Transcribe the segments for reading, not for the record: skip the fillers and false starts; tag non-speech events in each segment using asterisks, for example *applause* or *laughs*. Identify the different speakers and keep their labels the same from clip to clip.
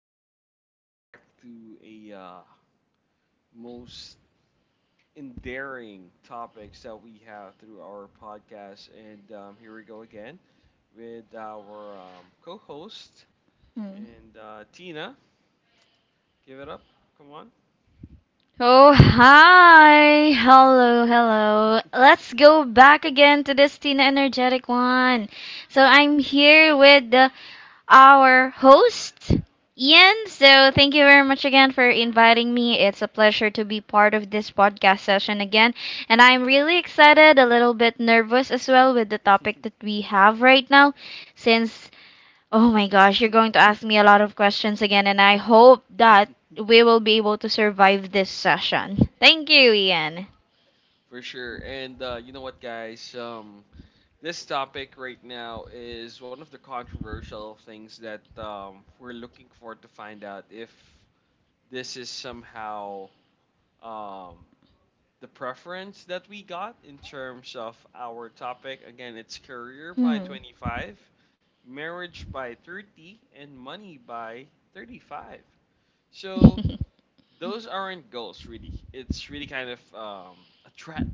Speaker 1: and we're back to a most endearing topics that we have through our podcast. And Here we go again with our co-host
Speaker 2: Hmm.
Speaker 1: and Tina. Give it up, come on.
Speaker 2: Oh, hi. Hello, hello. Let's go back again to this Tina Energetic one. So I'm here with our host, Ian. So thank you very much again for inviting me. It's a pleasure to be part of this podcast session again. And I'm really excited, a little bit nervous as well with the topic that
Speaker 1: *laughs*
Speaker 2: we have right now. Since Oh my gosh, you're going to ask me a lot of questions again, and I hope that we will be able to survive this session. Thank you, Ian.
Speaker 1: For sure. And you know what, guys? This topic right now is one of the controversial things that we're looking for to find out if this is somehow um, the preference that we got in terms of our topic. Again, it's career by
Speaker 2: Hmm.
Speaker 1: 25, marriage by 30, and money by 35. So
Speaker 2: *laughs*
Speaker 1: those aren't goals, really. It's really kind of a threat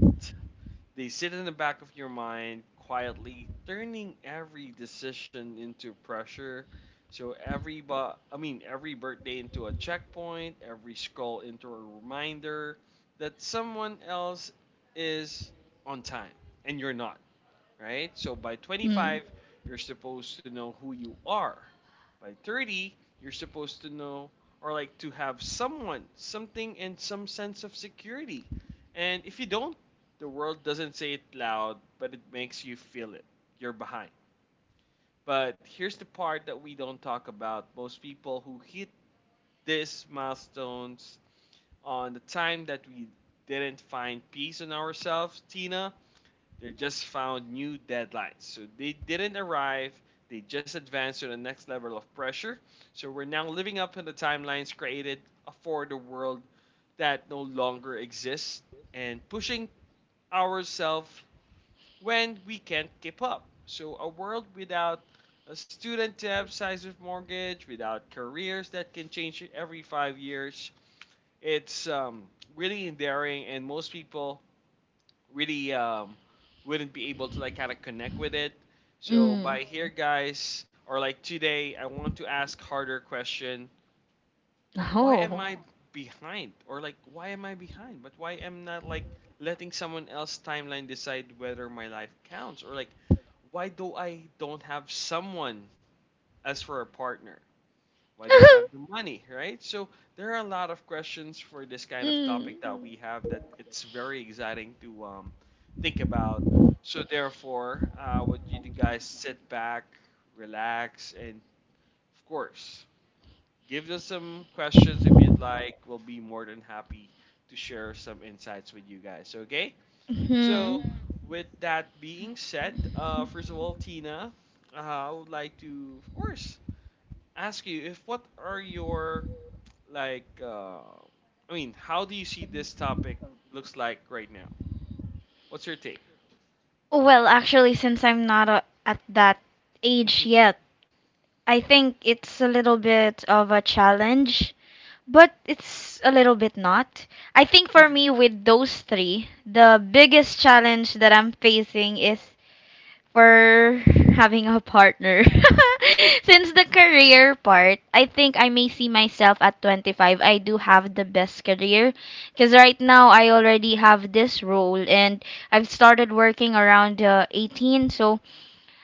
Speaker 1: they sit in the back of your mind quietly, turning every decision into pressure. So I mean every birthday into a checkpoint, every scroll into a reminder that someone else is on time and you're not, right? So by
Speaker 2: Hmm.
Speaker 1: 25, you're supposed to know who you are. By 30, you're supposed to know or like to have someone, something, and some sense of security. And if you don't, the world doesn't say it loud, but it makes you feel it. You're behind. But here's the part that we don't talk about. Most people who hit these milestones on the time that we didn't find peace in ourselves, Tina, they just found new deadlines. So they didn't arrive. They just advanced to the next level of pressure. So we're now living up to the timelines created for the world that no longer exists and pushing ourselves when we can't keep up. So a world without a student debt size of mortgage, without careers that can change every 5 years. It's really endearing, and most people really wouldn't be able to like kind of connect with it. So
Speaker 2: Mm.
Speaker 1: by here, guys, or like today, I want to ask harder question. Why am
Speaker 2: Oh.
Speaker 1: I behind? Or like, why am I behind? But why am not like letting someone else timeline decide whether my life counts? Or like, why do I don't have someone as for a partner? Why don't I have the
Speaker 2: *laughs*
Speaker 1: money, right? So there are a lot of questions for this kind of topic
Speaker 2: Mm.
Speaker 1: that we have that it's very exciting to think about. So therefore, would you guys sit back, relax, and of course, give us some questions if you'd like. We'll be more than happy to share some insights with you guys. Okay? So
Speaker 2: Hmm.
Speaker 1: with that being said, first of all, Tina, I would like to, of course, ask you if what are your like I mean, how do you see this topic looks like right now? What's your take?
Speaker 2: Well, actually, since I'm not a, at that age yet,
Speaker 1: *laughs*
Speaker 2: I think it's a little bit of a challenge. But it's a little bit not. I think for me, with those three, the biggest challenge that I'm facing is for having a partner. *laughs* Since the career part, I think I may see myself at 25. I do have the best career because right now I already have this role, and I've started working around 18. So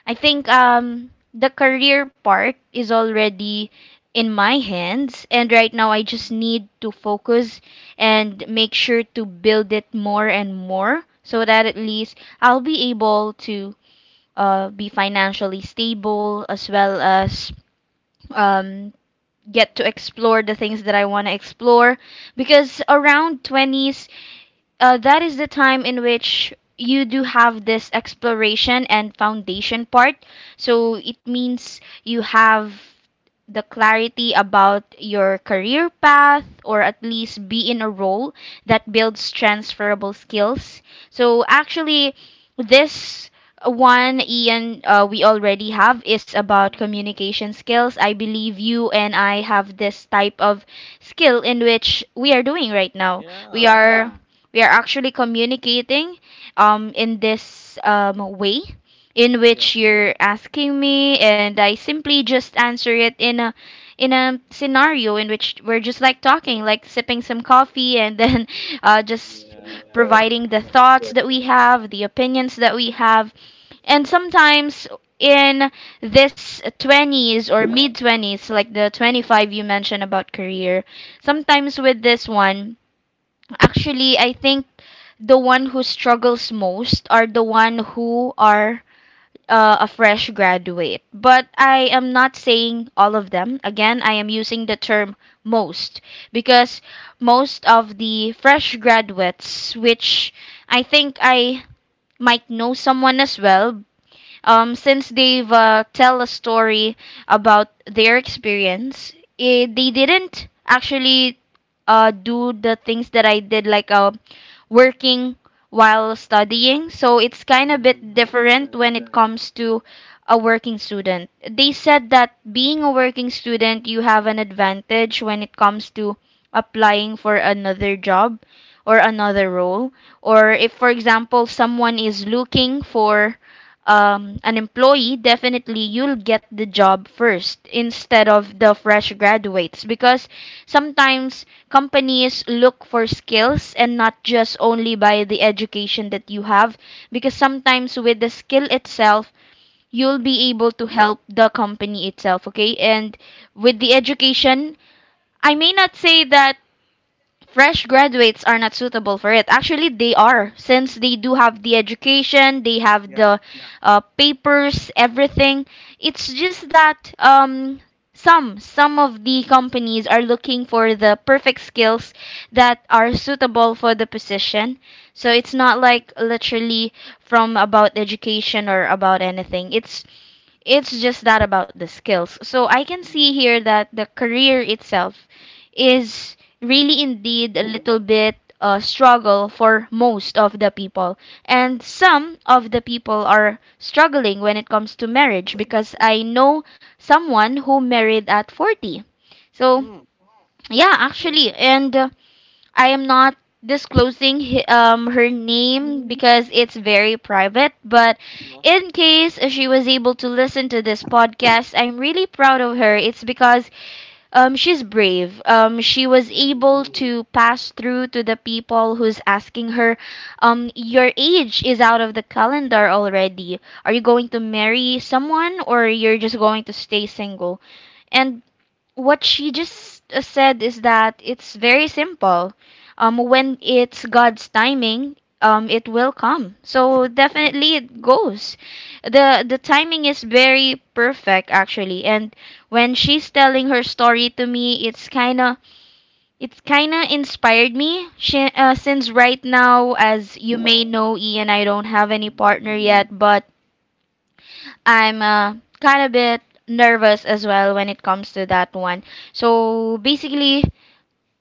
Speaker 2: I think
Speaker 1: Mhm,
Speaker 2: the career part is already in my hands, and right
Speaker 1: mhm,
Speaker 2: now I just need to focus and make sure to build it more and more so that at least I'll be able to be financially stable, as well as um,
Speaker 1: mhm,
Speaker 2: get to explore the things that I want to explore, because around 20s, that is the time in which you do have this exploration and foundation part. So it means you have the clarity about your career path or at least be in a role that builds transferable skills. So actually, this one, Ian, we already have is
Speaker 1: mhm, mhm,
Speaker 2: about
Speaker 1: mhm.
Speaker 2: communication skills. I believe you and I have this type of skill in which we are doing right now. We
Speaker 1: Yeah,
Speaker 2: are we are actually communicating in this way in
Speaker 1: yeah,
Speaker 2: which you're asking me and I simply just answer it in a scenario in which we're just like talking, like sipping some coffee, and then *laughs* just
Speaker 1: yeah,
Speaker 2: providing the
Speaker 1: exactly.
Speaker 2: thoughts that we have, the opinions that we have. And sometimes in this 20s or mid 20s, like the 25 you mentioned about career, sometimes with this one, actually, I think the one who struggles most are the one who are a fresh graduate. But I am not saying all of them. Again, I am using the term "most" because most of the fresh graduates, which I think I might know someone as well, since they've tell a story about their experience, they didn't actually do the things that I did, like working while studying. So it's kind of
Speaker 1: Hmm.
Speaker 2: bit different when
Speaker 1: Exactly.
Speaker 2: it comes to a working student. They said that being a working student, you have an advantage when it comes to applying for another job or another role. Or if, for example, someone is looking for an employee, definitely you'll get the job first instead of the fresh
Speaker 1: *laughs*
Speaker 2: graduates, because sometimes companies look for skills and not just only by the education that you have, because sometimes with the skill itself you'll be able to help the company itself, okay? And with the
Speaker 1: Hmm.
Speaker 2: education, I may not say that fresh graduates are not suitable for it. Actually, they are,
Speaker 1: Hmm.
Speaker 2: since they do have the education, they have
Speaker 1: Yeah.
Speaker 2: the papers, everything. It's just that some of the companies are looking for the perfect skills that are suitable for the position. So it's
Speaker 1: Hmm.
Speaker 2: not like literally from about education or about anything. It's just that about the skills. So I can see here that the career itself is really indeed a little bit a struggle for most of the people. And some of the people are struggling when it comes to marriage, because I know someone who married at 40. So,
Speaker 1: Hmm.
Speaker 2: yeah,
Speaker 1: Good.
Speaker 2: actually, and I am not disclosing her name because it's very private, but
Speaker 1: Yeah.
Speaker 2: in case she was able to listen to this podcast, I'm really proud of her. It's because she's brave. She was
Speaker 1: Mhm,
Speaker 2: able to pass through to the people who's asking her, "Your age is out of the calendar already. Are you going to marry someone or you're just going to stay single?" And what she just said is that it's very simple. When it's God's timing, it will come. So definitely it goes. The timing is very perfect actually, and when she's telling her story to me, it's kinda inspired me. Since right now, as you may know, Ian, I don't have any
Speaker 1: mhm,
Speaker 2: partner yet, but I'm kind of bit nervous as well when it comes to that one. So basically,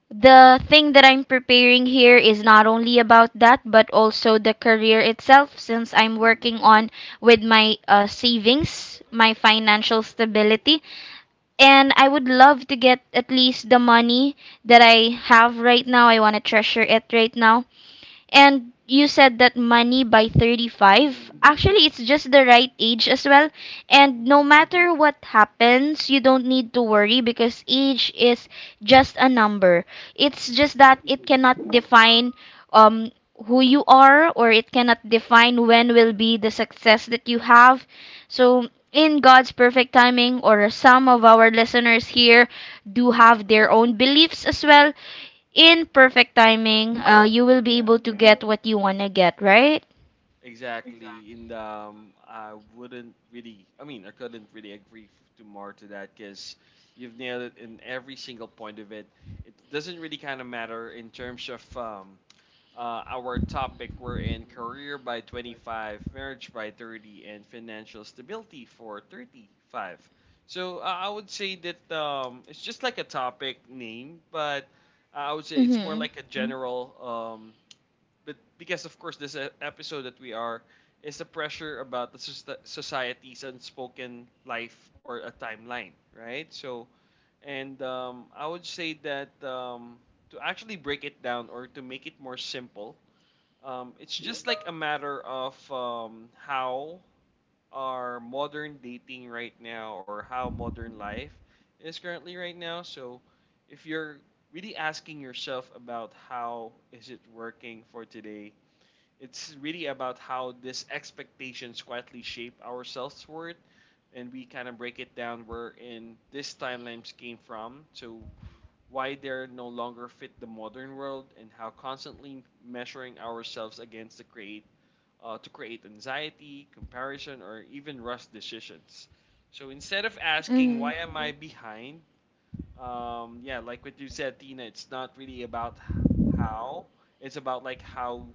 Speaker 2: the thing that I'm preparing here is not only about that, but also the career itself, since I'm
Speaker 1: mhm,
Speaker 2: working on with my savings, my financial stability. And I would love to get at least the money that I have right now. I want to treasure it right now, and you said that money by 35.
Speaker 1: mhm,
Speaker 2: Actually, it's just the right age as well. And no
Speaker 1: mhm,
Speaker 2: matter what happens, you don't need to worry, because age is just a number. It's just
Speaker 1: mhm,
Speaker 2: that it cannot define um who you are, or it cannot define when will be the success that you have. So in God's perfect timing, or some of our listeners here do
Speaker 1: mhm.
Speaker 2: have their own beliefs as well in perfect timing, you will be
Speaker 1: Yeah.
Speaker 2: able to get what you want to get, right?
Speaker 1: Exactly, and I wouldn't really, I mean, I couldn't really agree to more to that because you've nailed it in every single point of it. It doesn't really kind of matter in terms of our topic. We're in career by 25, marriage by 30, and financial stability for 35. So I would say that it's just like a topic name, but I would say it's more
Speaker 2: Mhm.
Speaker 1: like a Mm. general um, but because of course this episode that we are is a pressure about the society's unspoken life or a timeline, right? So, and I would say that to actually break it down or to make it more simple, it's just like a matter of how our modern dating right now or how modern life is currently right now. So, if you're really asking yourself about how is it working for today, it's really about how these expectations quietly shape ourselves self worth, and we kind of break it down where in these timelines came from. So why they're no longer fit the modern world, and how constantly measuring ourselves against the create to create anxiety, comparison, or even rush decisions. So instead of asking why
Speaker 2: Mhm.
Speaker 1: am I behind, yeah, like what you said, Tina, it's not really about how, it's about like how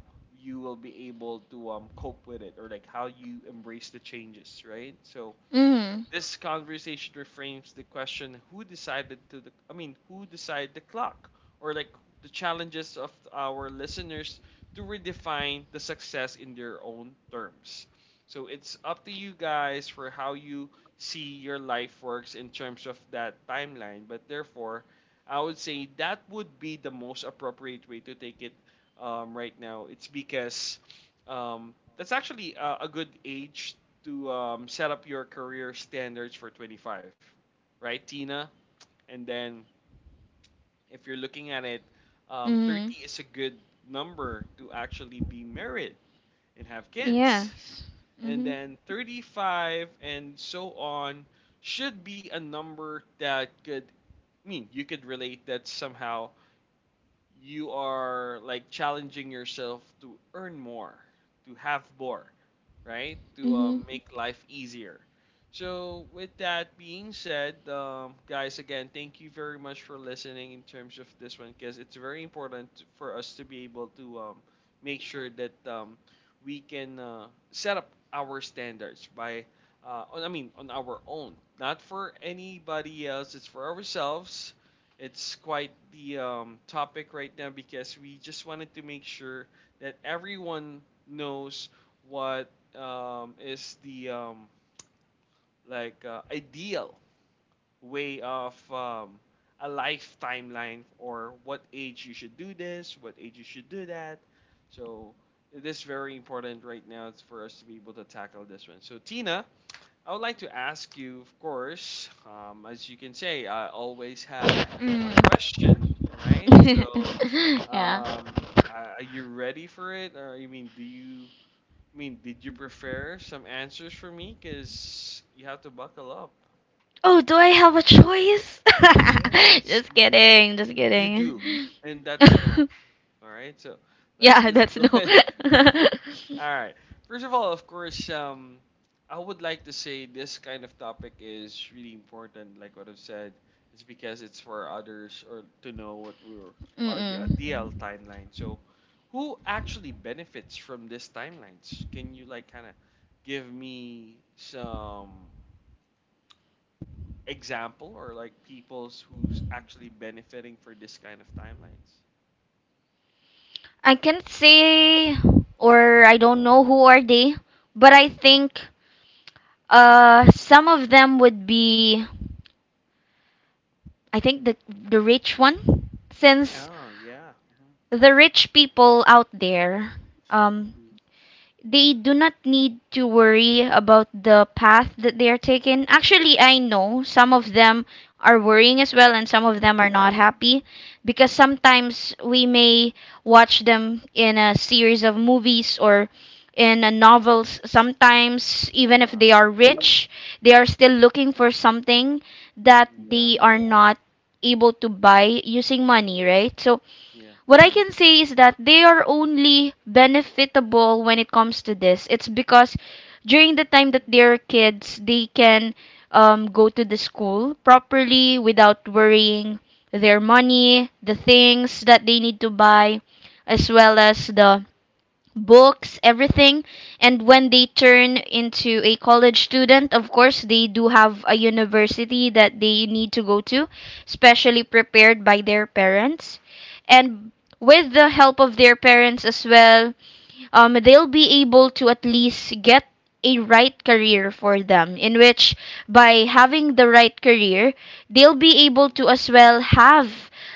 Speaker 1: you will be able to cope with it or like how you embrace the changes, right? So
Speaker 2: Mhm.
Speaker 1: this conversation reframes the question who decided to the I mean who decided the clock or like the challenges of our listeners to redefine the success in their own terms. So it's up to you guys for how you see your life works in terms of that timeline. But therefore, I would say that would be the most appropriate way to take it right now. It's because that's actually a good age to set up your career standards for 25, right, Tina? And then if you're looking at it, 30
Speaker 2: Mhm.
Speaker 1: is a good number to actually be married and have kids.
Speaker 2: Yes.
Speaker 1: And
Speaker 2: Mhm.
Speaker 1: then 35 and so on should be a number that could I mean you could relate that somehow you are like challenging yourself to earn more, to have more, right? To
Speaker 2: Mhm.
Speaker 1: make life easier. So, with that being said, guys, again, thank you very much for listening in terms of this one because it's very important for us to be able to make sure that we can set up our standards I mean, on our own, not for anybody else, it's for ourselves. It's quite the topic right now because we just wanted to make sure that everyone knows what is the like ideal way of a life timeline or what age you should do this, what age you should do that. So it is very important right now for us to be able to tackle this one. So Tina, I would like to ask you, of course, as you can say, I always have a
Speaker 2: Mm.
Speaker 1: question, right? So,
Speaker 2: *laughs* Yeah.
Speaker 1: um, are you ready for it? Or you mean, do you I mean did you prefer some answers for me? Cause you have to buckle up.
Speaker 2: Oh, do I have a choice? *laughs*
Speaker 1: Yes,
Speaker 2: Just
Speaker 1: you,
Speaker 2: kidding, just
Speaker 1: you
Speaker 2: kidding.
Speaker 1: do, and that's no.
Speaker 2: *laughs*
Speaker 1: All right, so let's
Speaker 2: Yeah,
Speaker 1: just
Speaker 2: that's
Speaker 1: go
Speaker 2: no.
Speaker 1: ahead. *laughs* All
Speaker 2: *laughs*
Speaker 1: right. First of all, of course, I would like to say this kind of topic is really important. Like what I've said, it's because it's for others or to know what we're are the
Speaker 2: Mm-mm.
Speaker 1: ideal timeline. So, who actually benefits from these timelines? Can you like kind of give me some example or like people's who's actually benefiting for this kind of timelines?
Speaker 2: I can't say, or I don't know who are they, but I think
Speaker 1: *laughs*
Speaker 2: Some of them would be, I think the rich one, since
Speaker 1: Oh yeah.
Speaker 2: the rich people out there, um,
Speaker 1: Mhm.
Speaker 2: they do not need to worry about the path that they are taking. Actually, I know
Speaker 1: Mhm.
Speaker 2: some of them are worrying as well, and some of them are not happy because sometimes we may watch them in a series of movies or in a novels. Sometimes, even if
Speaker 1: Yeah.
Speaker 2: they are rich, they are still looking for something that
Speaker 1: Yeah.
Speaker 2: they are not able to buy using money, right? So
Speaker 1: Yeah.
Speaker 2: what I can say is that they are only benefitable when it comes to this. It's because during the
Speaker 1: Mm.
Speaker 2: time that they're kids, they can go to the school properly without worrying their money, the things that they need to buy, as well as the books, everything. And when they turn into a college student, of course, they do have a university that they need to go to, specially prepared by their parents. And with the help of their parents as well, they'll be able to at least get a right career for them, in which by having the right career they'll be able to as well have,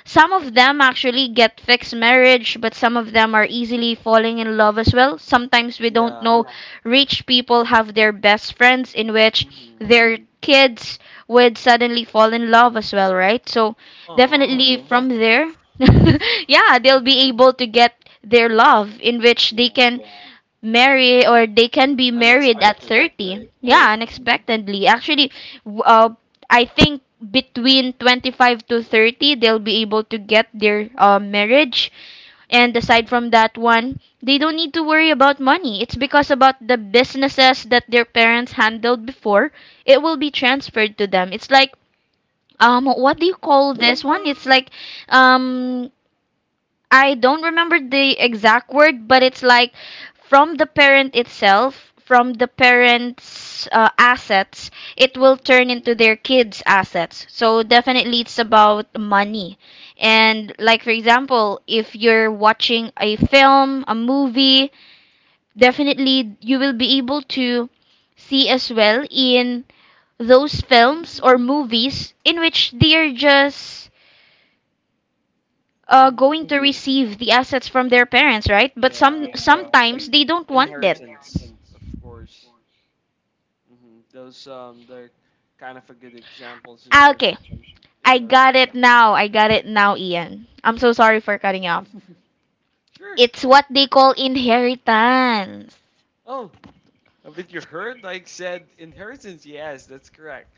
Speaker 2: some of them actually get fixed marriage, but some of them are easily falling in love as well. Sometimes we don't
Speaker 1: Yeah.
Speaker 2: know, rich people have their best friends in which
Speaker 1: Mm-hmm.
Speaker 2: their kids would suddenly fall in love as well, right? So
Speaker 1: Aw.
Speaker 2: definitely from there *laughs* yeah, they'll be able to get their love in which they
Speaker 1: Yeah.
Speaker 2: can marry, or they can be married at
Speaker 1: Unexpected,
Speaker 2: 30.
Speaker 1: right?
Speaker 2: Yeah,
Speaker 1: Mm-hmm.
Speaker 2: unexpectedly. Actually, w- uh, I think between 25 to 30 they'll be able to get their marriage, and aside from that one they don't need to worry about money. It's because about the businesses that their parents handled before, it will be transferred to them. It's like what do you call this one, it's like um I don't remember the exact word, but it's like from the parent itself, from the parents' assets, it will turn into their kids' assets. So definitely it's about money. And like for example, if you're watching a film, a movie, definitely you will be able to see as well in those
Speaker 1: Mm-hmm. Mm-hmm.
Speaker 2: films or movies in which they are just
Speaker 1: Mm-hmm. Mm-hmm.
Speaker 2: going to receive the assets from their parents, right? But
Speaker 1: Yeah, like
Speaker 2: sometimes they don't want that.
Speaker 1: inheritance, of course. Hmm. Those they're kind of a good examples in
Speaker 2: Ah,
Speaker 1: terms
Speaker 2: okay,
Speaker 1: of
Speaker 2: I
Speaker 1: inherit.
Speaker 2: got
Speaker 1: Yeah.
Speaker 2: it now. I got it now, Ian. I'm so sorry for cutting you off.
Speaker 1: *laughs* Sure.
Speaker 2: It's what they call inheritance.
Speaker 1: Oh, haven't you heard? Like said, inheritance. Yes, that's correct.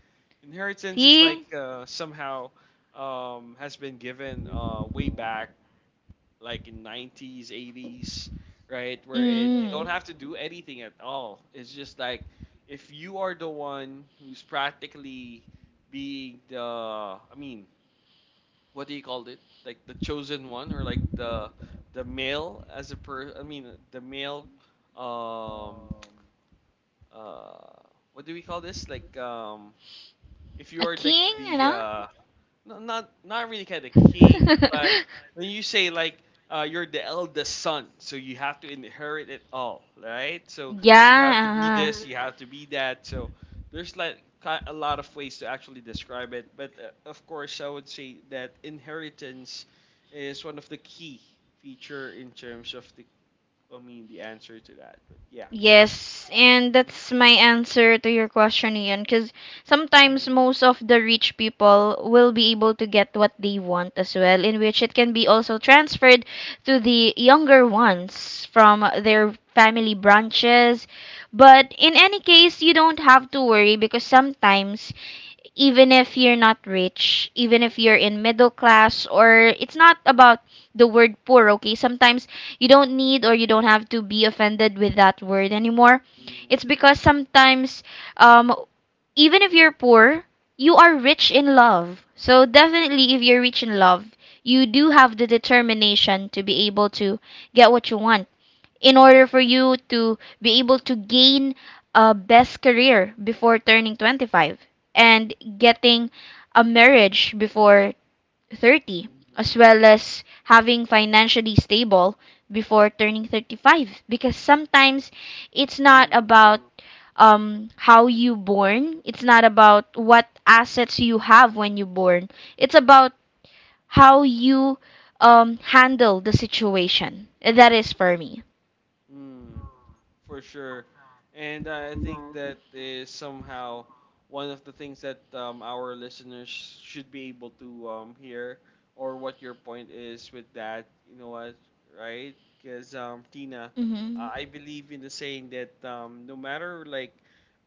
Speaker 1: Inheritance is like
Speaker 2: See?
Speaker 1: somehow has been given way back like in 90s, 80s, right? Wherein you don't
Speaker 2: Mm.
Speaker 1: have to do anything at all. It's just like if you are the one who's practically I mean, what do you call it? Like the chosen one or like the male as a I mean the male, um, uh, what do we call this? Like if you
Speaker 2: A
Speaker 1: are like
Speaker 2: king, you
Speaker 1: the
Speaker 2: know?
Speaker 1: not not really kind of king, but
Speaker 2: *laughs*
Speaker 1: when you say like you're the eldest son, so you have to inherit it all, right? So you
Speaker 2: Yeah,
Speaker 1: have to be this,
Speaker 2: uh-huh.
Speaker 1: you have to be that. So there's like a lot of ways to actually describe it, but of course, I would say that inheritance is one of the key feature in terms of the I mean the answer to that. But yeah.
Speaker 2: Yes,
Speaker 1: Uh,
Speaker 2: and
Speaker 1: mhm,
Speaker 2: that's my answer to your question, Ian. Because sometimes
Speaker 1: mhm,
Speaker 2: most of the rich people will be able to get what they want as well, in which it can be also transferred to the younger ones from their family branches. But in any case, you don't have to worry, because sometimes even if you're not rich, even if you're in middle class, or it's not about the word poor, okay? Sometimes you don't need or you don't have to be offended with that word anymore.
Speaker 1: mhm,
Speaker 2: It's because sometimes, um, even if you're poor, you are rich in love. So definitely, if you're rich in love, you do have the determination to be able to get what you want in order for you to be able to gain a best career before turning 25 and getting a marriage before 30,
Speaker 1: mhm,
Speaker 2: as well as having financially stable before turning 35. Because sometimes it's not
Speaker 1: mhm,
Speaker 2: about how you born, it's not about what assets you have when you born, it's about how you handle the situation. That is for me.
Speaker 1: mhm, for sure. And I think that is somehow one of the things that our listeners should be able to hear, or what your point is with that. You know what, right? Because Tina,
Speaker 2: Hmm.
Speaker 1: I believe in the saying that no matter like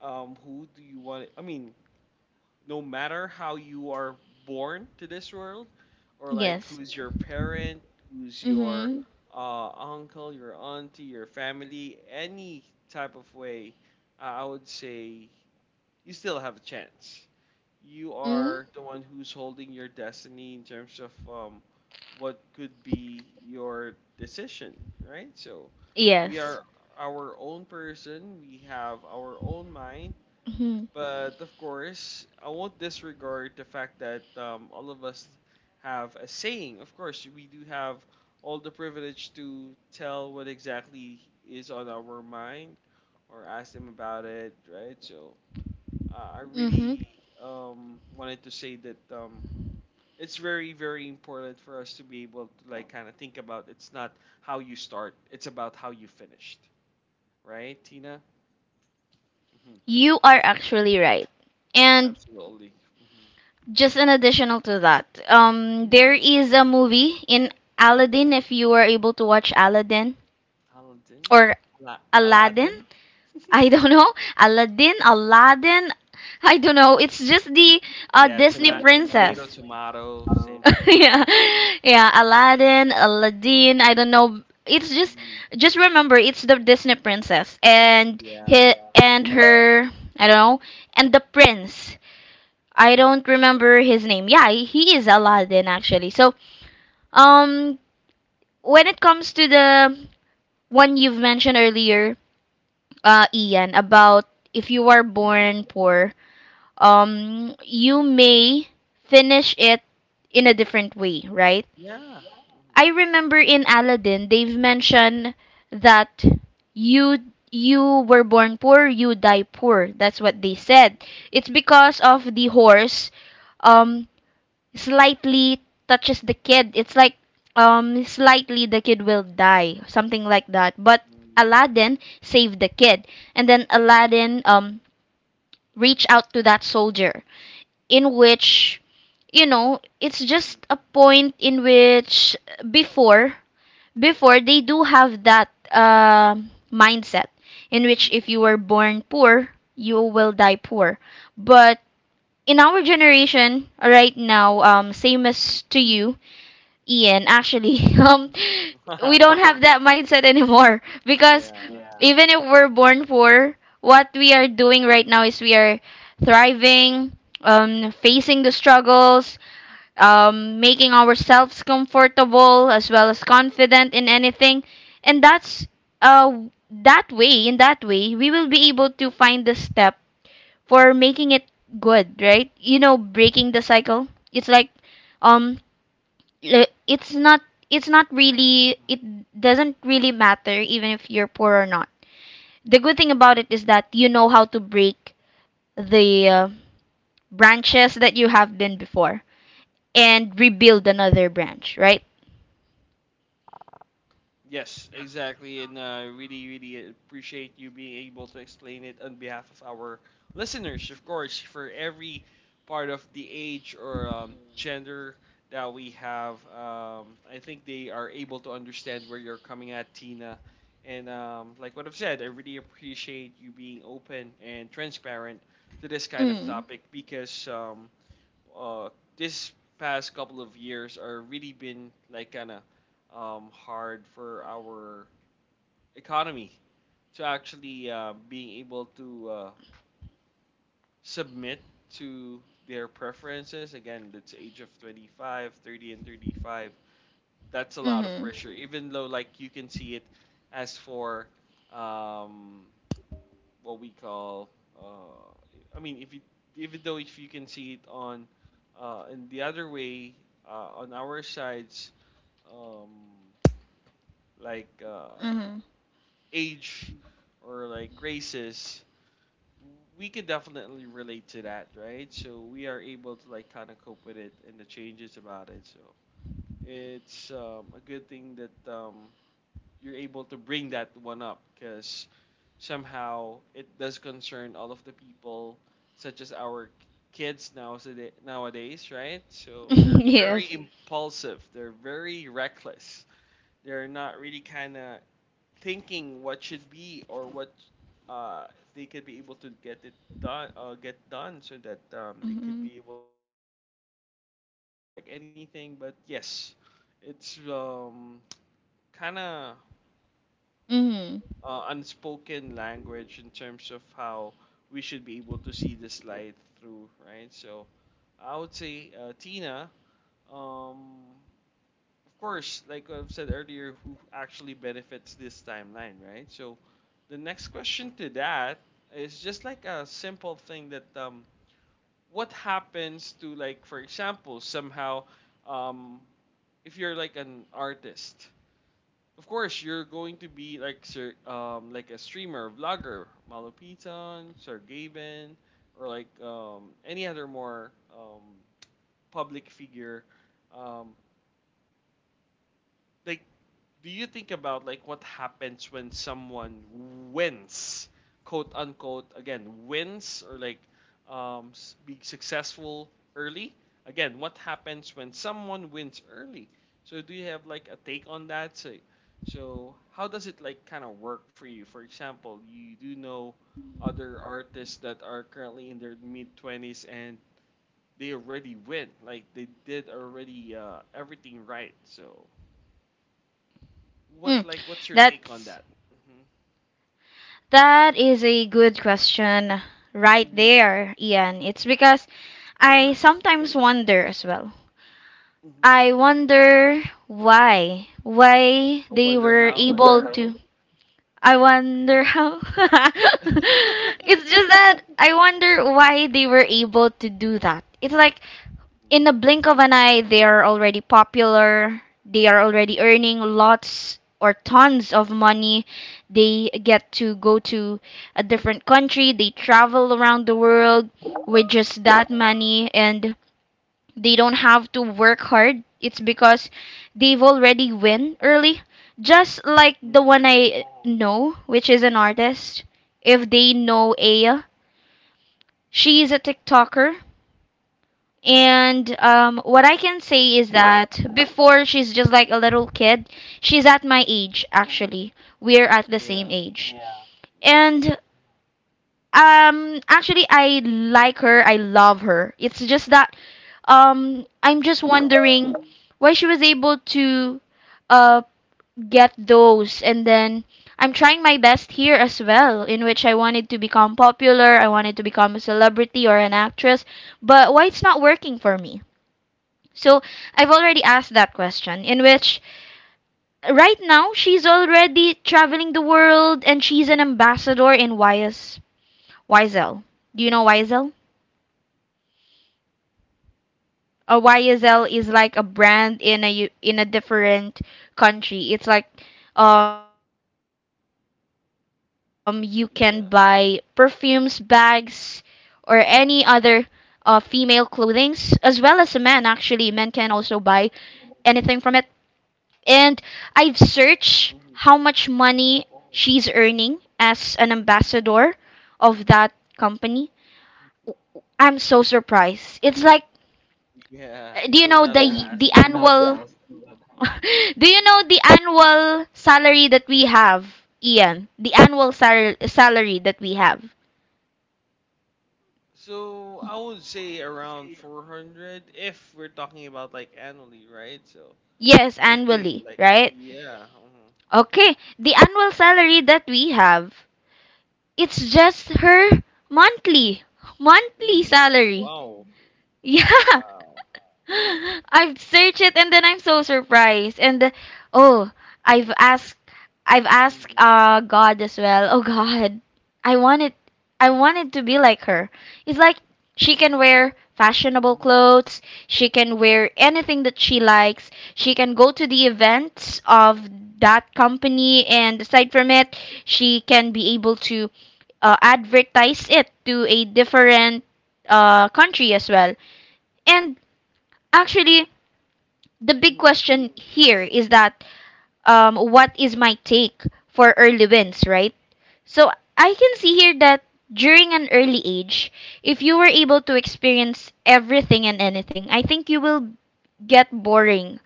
Speaker 1: who do you want, I mean, no matter how you are born to this world, or like
Speaker 2: Yes.
Speaker 1: who's your parent, who's your
Speaker 2: Mm-hmm.
Speaker 1: uncle, your auntie, your family, any type of way, I would say you still have a chance. You
Speaker 2: Mm-hmm.
Speaker 1: are the one who's holding your destiny in terms of what could be your decision, right? So we
Speaker 2: Yes.
Speaker 1: are our own person, we have our own mind,
Speaker 2: Mm-hmm.
Speaker 1: but of course, I won't disregard the fact that all of us have a saying. Of course, we do have all the privilege to tell what exactly is on our mind or ask them about it, right? So I
Speaker 2: Mm-hmm.
Speaker 1: really wanted to say that it's very important for us to be able to like kind of think about it's not how you start, it's about how you finished, right, Tina?
Speaker 2: You are actually right. And just an additional to that,
Speaker 1: hmm
Speaker 2: there
Speaker 1: hmm
Speaker 2: is a movie in Aladdin, if you were able to watch Aladdin
Speaker 1: Aladdin?
Speaker 2: or Aladdin.
Speaker 1: Aladdin?
Speaker 2: I don't know. Aladdin, Aladdin. I don't know. It's just the
Speaker 1: Yeah,
Speaker 2: Disney
Speaker 1: tomato,
Speaker 2: princess.
Speaker 1: tomato, same
Speaker 2: *laughs*
Speaker 1: thing,
Speaker 2: Yeah,
Speaker 1: right?
Speaker 2: yeah. Aladdin, Aladdin. I don't know. It's
Speaker 1: Mhm.
Speaker 2: just remember, it's the Disney princess and
Speaker 1: Yeah.
Speaker 2: he and her. I don't know. And the prince. I don't remember his name. Yeah, he is Aladdin actually. So, um, when it comes to the one you've mentioned earlier, Ian, about if you are
Speaker 1: Mhm.
Speaker 2: born poor, you may finish it in a different way, right?
Speaker 1: Yeah. Mhm.
Speaker 2: I remember in Aladdin, they've mentioned that you you were born poor, you die poor. That's what they said. It's because of the horse um slightly touches the kid, it's like slightly the kid will die, something like that. But
Speaker 1: Mhm.
Speaker 2: Aladdin saved the kid, and then Aladdin reached out to that soldier, in which you know it's just
Speaker 1: Mhm.
Speaker 2: a point in which before before they do have that mindset in which if you were born poor, you will die poor. But in our generation right now, same
Speaker 1: Mhm.
Speaker 2: as to you, Ian, actually, *laughs*
Speaker 1: Mhm. Mhm.
Speaker 2: we don't
Speaker 1: *laughs*
Speaker 2: have that mindset anymore because
Speaker 1: Yeah.
Speaker 2: even if we're born poor, what we are doing right now is we are thriving, facing the struggles, making ourselves comfortable as well as confident in anything, and that's uh that way. In that way, we will be able to find the step for making it good, right? You know, breaking the cycle. It's like um it's not, it's not
Speaker 1: Mm-hmm.
Speaker 2: really it doesn't really matter even if you're poor or not. The good thing about it is that you know how to break the branches that you have been before and rebuild another branch, right?
Speaker 1: Yes, exactly. And really appreciate you being able to explain it on behalf of our listeners, of course, for every part of the age or gender that we have. I think they are able to understand where you're coming at, Tina. And like what I've said, I really appreciate you being open and transparent to this kind of
Speaker 2: Mm.
Speaker 1: topic because uh, this past couple of years are really been like kind of hard for our economy to actually being able to submit to their preferences. Again, that's age of 25, 30, and 35. That's a lot of
Speaker 2: Mhm.
Speaker 1: pressure, even though like you can see it as for um, what we call. Uh, I mean, if you even though if you can see it on in the other way on our sides, um, like
Speaker 2: Mhm.
Speaker 1: age or like races, we can definitely relate to that, right? So we are able to like kind of cope with it and the changes about it. So it's a good thing that you're able to bring that one up because somehow it does concern all of the people, such as our kids now so nowadays, right? So they're
Speaker 2: *laughs*
Speaker 1: very
Speaker 2: Yes.
Speaker 1: impulsive, they're very reckless, they're not really kind of thinking what should be or what uh, they could be able to get it done, get done, so that they could be
Speaker 2: Mhm.
Speaker 1: able to help or like anything. But yes, it's
Speaker 2: Hello.
Speaker 1: kind of
Speaker 2: Mhm.
Speaker 1: unspoken language in terms of how we should be able to see this light through, right? So I would say Tina, um, of course, like I've said earlier, who actually benefits this timeline, right? So the next question to that is just like a simple thing that what happens to like, for example, somehow um, if you're like an artist of course you're going to be like sir like a streamer vlogger malapitan sir gaben or like any other more public figure um like do you think about like what happens when someone wins quote unquote again wins or like be successful early again what happens when someone wins early so do you have like a take on that so, so how does it like kind of work for you for example you do know other artists that are currently in their mid 20s and they already win like they did already everything right so
Speaker 2: Mm.
Speaker 1: what like what's your take on
Speaker 2: That's
Speaker 1: that? Mm-hmm.
Speaker 2: that is a good question right
Speaker 1: Mm-hmm. Of
Speaker 2: there, Ian. It's because I
Speaker 1: course.
Speaker 2: sometimes wonder as well.
Speaker 1: Mm-hmm.
Speaker 2: I wonder why. Why
Speaker 1: I
Speaker 2: they
Speaker 1: wonder
Speaker 2: were
Speaker 1: how.
Speaker 2: able to. I
Speaker 1: Yeah.
Speaker 2: wonder how. *laughs* It's just that I wonder why they were able to do that. It's like in the blink of an eye, they are already popular. They are already earning lots or tons of money. They get to go to a different country. They travel around the world with just that money. And they don't have to work hard. It's because they've already win early. Just like the one
Speaker 1: Mm-hmm.
Speaker 2: I know, which is an artist. If they know Aya, she is a TikToker. And what I can say is that before she's just like a little kid, she's at my
Speaker 1: Mm-hmm.
Speaker 2: age actually. We're at the same
Speaker 1: Yeah.
Speaker 2: age.
Speaker 1: hmm
Speaker 2: And actually, I like her. I love her. It's just that, I'm just wondering why she was able to, uh, get those. And then I'm trying my best here as well, in which I wanted to become popular. I wanted to become a celebrity or an actress. But why it's not working for me? So I've already asked that question, in which right now she's already traveling the world and she's an ambassador in YS YSL. Do you know YSL? A YSL is like a brand in in a different country. It's like you can buy perfumes, bags,
Speaker 1: Yeah.
Speaker 2: or any other female clothings as well as a man. Actually men can also
Speaker 1: Mm-hmm.
Speaker 2: buy anything from it. And I've searched how much money she's earning as an ambassador of that company.
Speaker 1: Mm-hmm. *laughs*
Speaker 2: I'm so surprised. It's like Do you
Speaker 1: Yeah.
Speaker 2: know
Speaker 1: You don't have to
Speaker 2: the
Speaker 1: ask
Speaker 2: annual
Speaker 1: about
Speaker 2: *laughs*
Speaker 1: that. Mm-hmm.
Speaker 2: Do you know the
Speaker 1: Mhm.
Speaker 2: annual salary that we have, Ian? The salary that we have.
Speaker 1: So I would say around 400 if we're talking about like annually, right? So
Speaker 2: Yes,
Speaker 1: I would say
Speaker 2: annually,
Speaker 1: like
Speaker 2: right?
Speaker 1: yeah. Mhm.
Speaker 2: Okay, the annual salary that we have, it's just her monthly monthly
Speaker 1: Mm-hmm.
Speaker 2: salary.
Speaker 1: Wow.
Speaker 2: Yeah. *laughs*
Speaker 1: Wow.
Speaker 2: I've searched it and then I'm so surprised. And oh, I've asked I've asked
Speaker 1: Mm-hmm.
Speaker 2: God as well. Oh God. I wanted, I wanted to be like her. It's like she can wear fashionable
Speaker 1: Mm-hmm.
Speaker 2: clothes, she can wear anything that she likes, she can go to the events of that company and aside from it, she can be able to advertise it to a different country as well. And actually, the big
Speaker 1: Mm-hmm.
Speaker 2: question here is that what is my take for early wins, right? So I can see here that during an early age, if you were able to experience everything and anything, I think you will get boring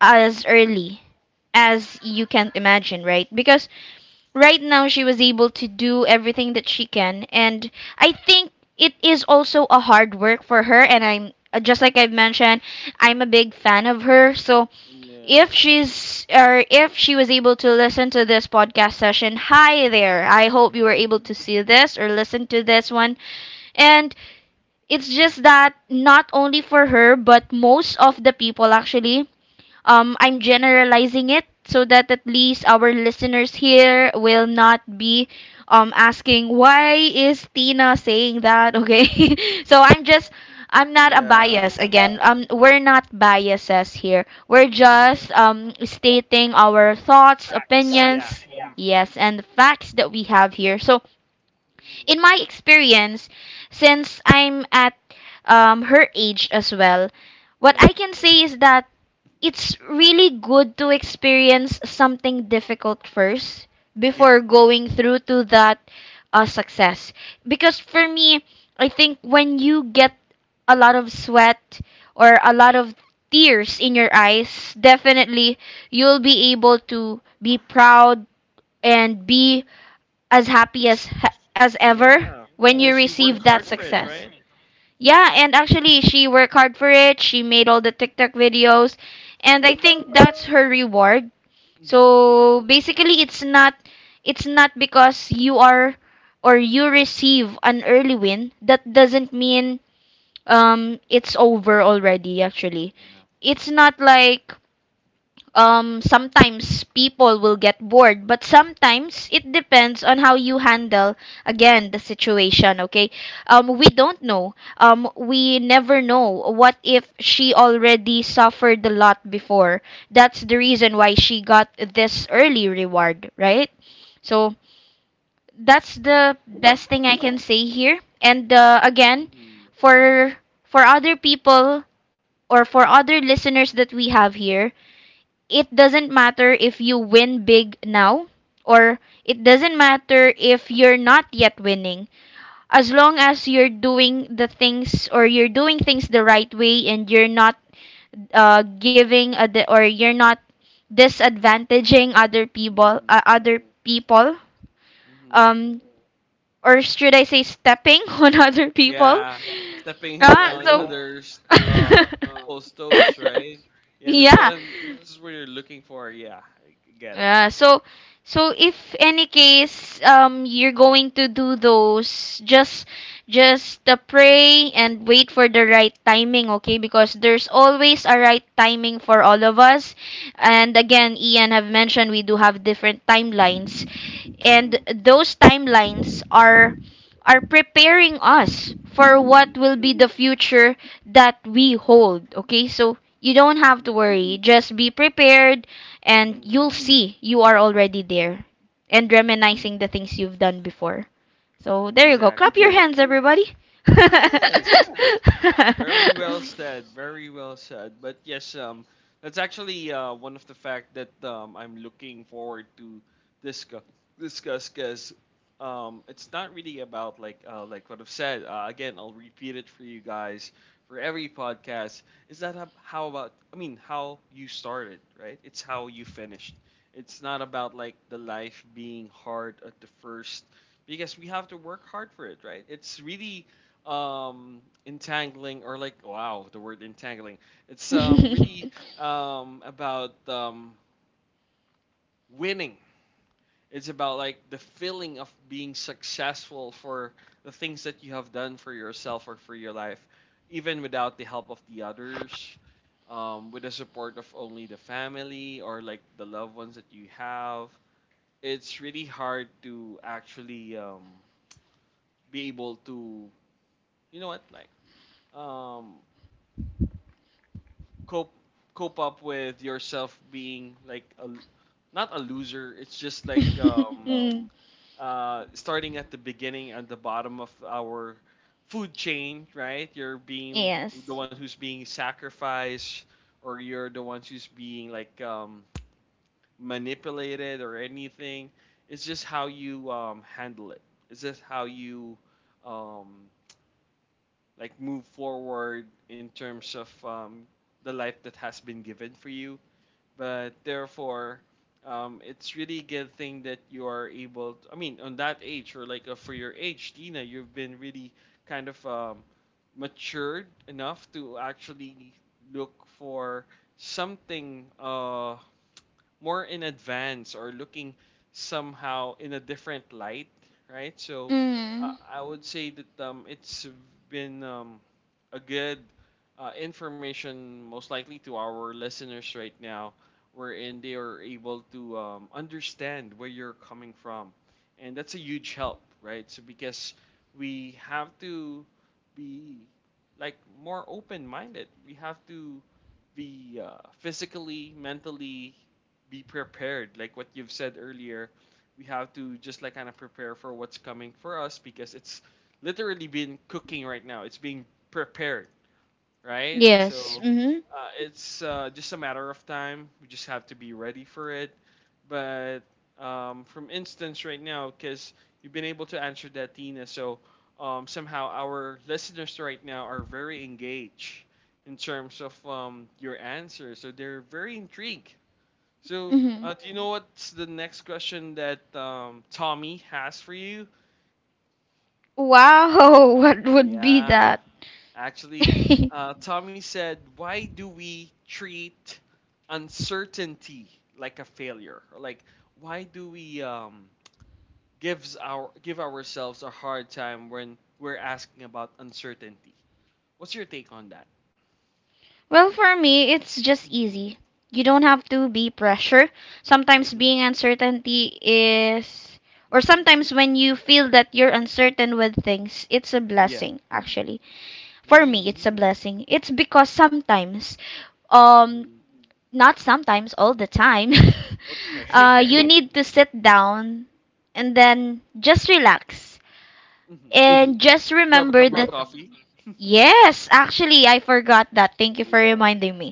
Speaker 2: as
Speaker 1: Mm-hmm.
Speaker 2: early as you can't imagine, right? Because right now she was able to do everything that she can. And I think it is also a hard work for her. And I'm just like I've mentioned, I'm a big fan of her. So
Speaker 1: Yeah.
Speaker 2: if she's or if she was able to listen to this podcast session, hi there, I hope you were able
Speaker 1: Mhm.
Speaker 2: to see this or listen to this one. And it's just that not only for her, but most of the people actually, I'm generalizing it so that at least our listeners here will not be asking why is Tina saying that, okay? *laughs* So I'm not a
Speaker 1: Yeah.
Speaker 2: bias again. We're not biases here. We're
Speaker 1: Mhm.
Speaker 2: just stating our thoughts,
Speaker 1: Facts. Yeah.
Speaker 2: opinions, yes, and the facts that we have here. So
Speaker 1: Mhm.
Speaker 2: in my experience, since I'm at her age as well, what I
Speaker 1: Yeah.
Speaker 2: can say is that it's really good to experience something difficult first
Speaker 1: Yeah.
Speaker 2: before going through to that success. Because for me, I think when you get a lot of sweat or a lot of tears in your eyes, definitely you'll be able to be proud and be as happy as ever
Speaker 1: Yeah.
Speaker 2: when you
Speaker 1: Because you work Mhm.
Speaker 2: receive that
Speaker 1: hard for it,
Speaker 2: success.
Speaker 1: right?
Speaker 2: Yeah, and actually, she worked hard for it. She made all the TikTok videos, and I think that's her reward.
Speaker 1: Mhm.
Speaker 2: So basically, it's not, it's not because you are or you receive an early win that doesn't mean it's over already. Actually, it's not like sometimes people will get bored, but
Speaker 1: Mhm.
Speaker 2: sometimes it depends on how you handle again the situation. Okay, we don't know. We never know. What if she already suffered a lot before? That's the reason why she got this early reward, right? So that's the best thing I can say here. And again,
Speaker 1: Mhm.
Speaker 2: for for other people or for other listeners that we have here, it doesn't matter if you win big now or it doesn't matter if you're not yet winning, as long as you're doing the things or you're doing things the right way and you're not or you're not disadvantaging other people,
Speaker 1: Mhm.
Speaker 2: uh,
Speaker 1: Mhm.
Speaker 2: um or should I say stepping *laughs* on other people.
Speaker 1: Yeah. Stepping
Speaker 2: Ah,
Speaker 1: on
Speaker 2: so
Speaker 1: others people's toes, right?
Speaker 2: *laughs*
Speaker 1: Yeah,
Speaker 2: yeah.
Speaker 1: that's what you're looking for. Yeah, get it.
Speaker 2: Yeah, so so if any case you're going to do those, just pray and wait for the right timing, okay? Because there's always a right timing for all of us. And again, Ian have mentioned we do have different timelines, and
Speaker 1: Mhm.
Speaker 2: those timelines are preparing us for what
Speaker 1: Mhm.
Speaker 2: will be the future that we hold. Okay, so you don't have to
Speaker 1: Mhm.
Speaker 2: worry, just be prepared and
Speaker 1: Mhm.
Speaker 2: you'll see you are already there and
Speaker 1: Mhm.
Speaker 2: reminiscing the things you've done before. So there you go, clap your
Speaker 1: Exactly.
Speaker 2: hands everybody. *laughs*
Speaker 1: Yes. Very well said. Very well said. But yes, that's actually one of the fact that I'm looking forward to discuss discuss because it's not really about like what I've said. Again, I'll repeat it for you guys for every podcast. Is that how about? I mean, how you started, right? It's how you finished. It's not about like the life being hard at the first because we have to work hard for it, right? It's really um entangling or like wow the word entangling it's really about winning it's about like the feeling of being successful for the things that you have done for yourself or for your life even without the help of the others with the support of only the family or like the loved ones that you have it's really hard to actually be able to you know what like um cope cope up with yourself being like a not a loser it's just like
Speaker 2: Mm.
Speaker 1: starting at the beginning at the bottom of our food chain right you're being the
Speaker 2: Yes.
Speaker 1: one who's being sacrificed or you're the one who's being like manipulated or anything it's just how you handle it it's just how you um like move forward in terms of the life that has been given for you but therefore, it's really good thing that you are able. To, I mean, on that age or like for your age, Tina, you've been really kind of matured enough to actually look for something more in advance or looking somehow in a different light, right? So uh,
Speaker 2: Mm.
Speaker 1: I would say that it's been a good information, most likely to our listeners right now, wherein they are able to understand where you're coming from, and that's a huge help, right? So because we have to be like more open-minded, we have to be physically, mentally, be prepared. Like what you've said earlier, we have to just like kind of prepare for what's coming for us because it's literally been cooking right now. It's being prepared, right?
Speaker 2: Yes.
Speaker 1: So
Speaker 2: Mm-hmm.
Speaker 1: it's just a matter of time. We just have to be ready for it. But from instance right now, because you've been able to answer that, Tina, so somehow our listeners right now are very engaged in terms of your answer. So they're very intrigued so,
Speaker 2: Mm-hmm.
Speaker 1: do you know what's the next question that Tommy has for you?
Speaker 2: Wow, *laughs* what would be
Speaker 1: Yeah,
Speaker 2: that?
Speaker 1: actually,
Speaker 2: *laughs*
Speaker 1: Tommy said, "Why do we treat uncertainty like a failure? Or like, why do we give ourselves a hard time when we're asking about uncertainty? What's your take on that?"
Speaker 2: Well, for me, it's just
Speaker 1: Mm-hmm.
Speaker 2: easy. You don't have to be pressure. Sometimes
Speaker 1: Mm-hmm.
Speaker 2: being uncertainty is, or
Speaker 1: Mm-hmm.
Speaker 2: sometimes when you feel that you're uncertain with things, it's a
Speaker 1: Yeah.
Speaker 2: blessing, actually. For
Speaker 1: Mm-hmm.
Speaker 2: me, it's a blessing. It's because sometimes, um, not sometimes, all the time, *laughs*
Speaker 1: Okay. *laughs*
Speaker 2: you *laughs* need to sit down and then just relax.
Speaker 1: Mm-hmm.
Speaker 2: And just
Speaker 1: Grab a cup
Speaker 2: remember
Speaker 1: of
Speaker 2: that
Speaker 1: coffee.
Speaker 2: yes, actually, I forgot that. Thank you for
Speaker 1: Yeah.
Speaker 2: reminding me.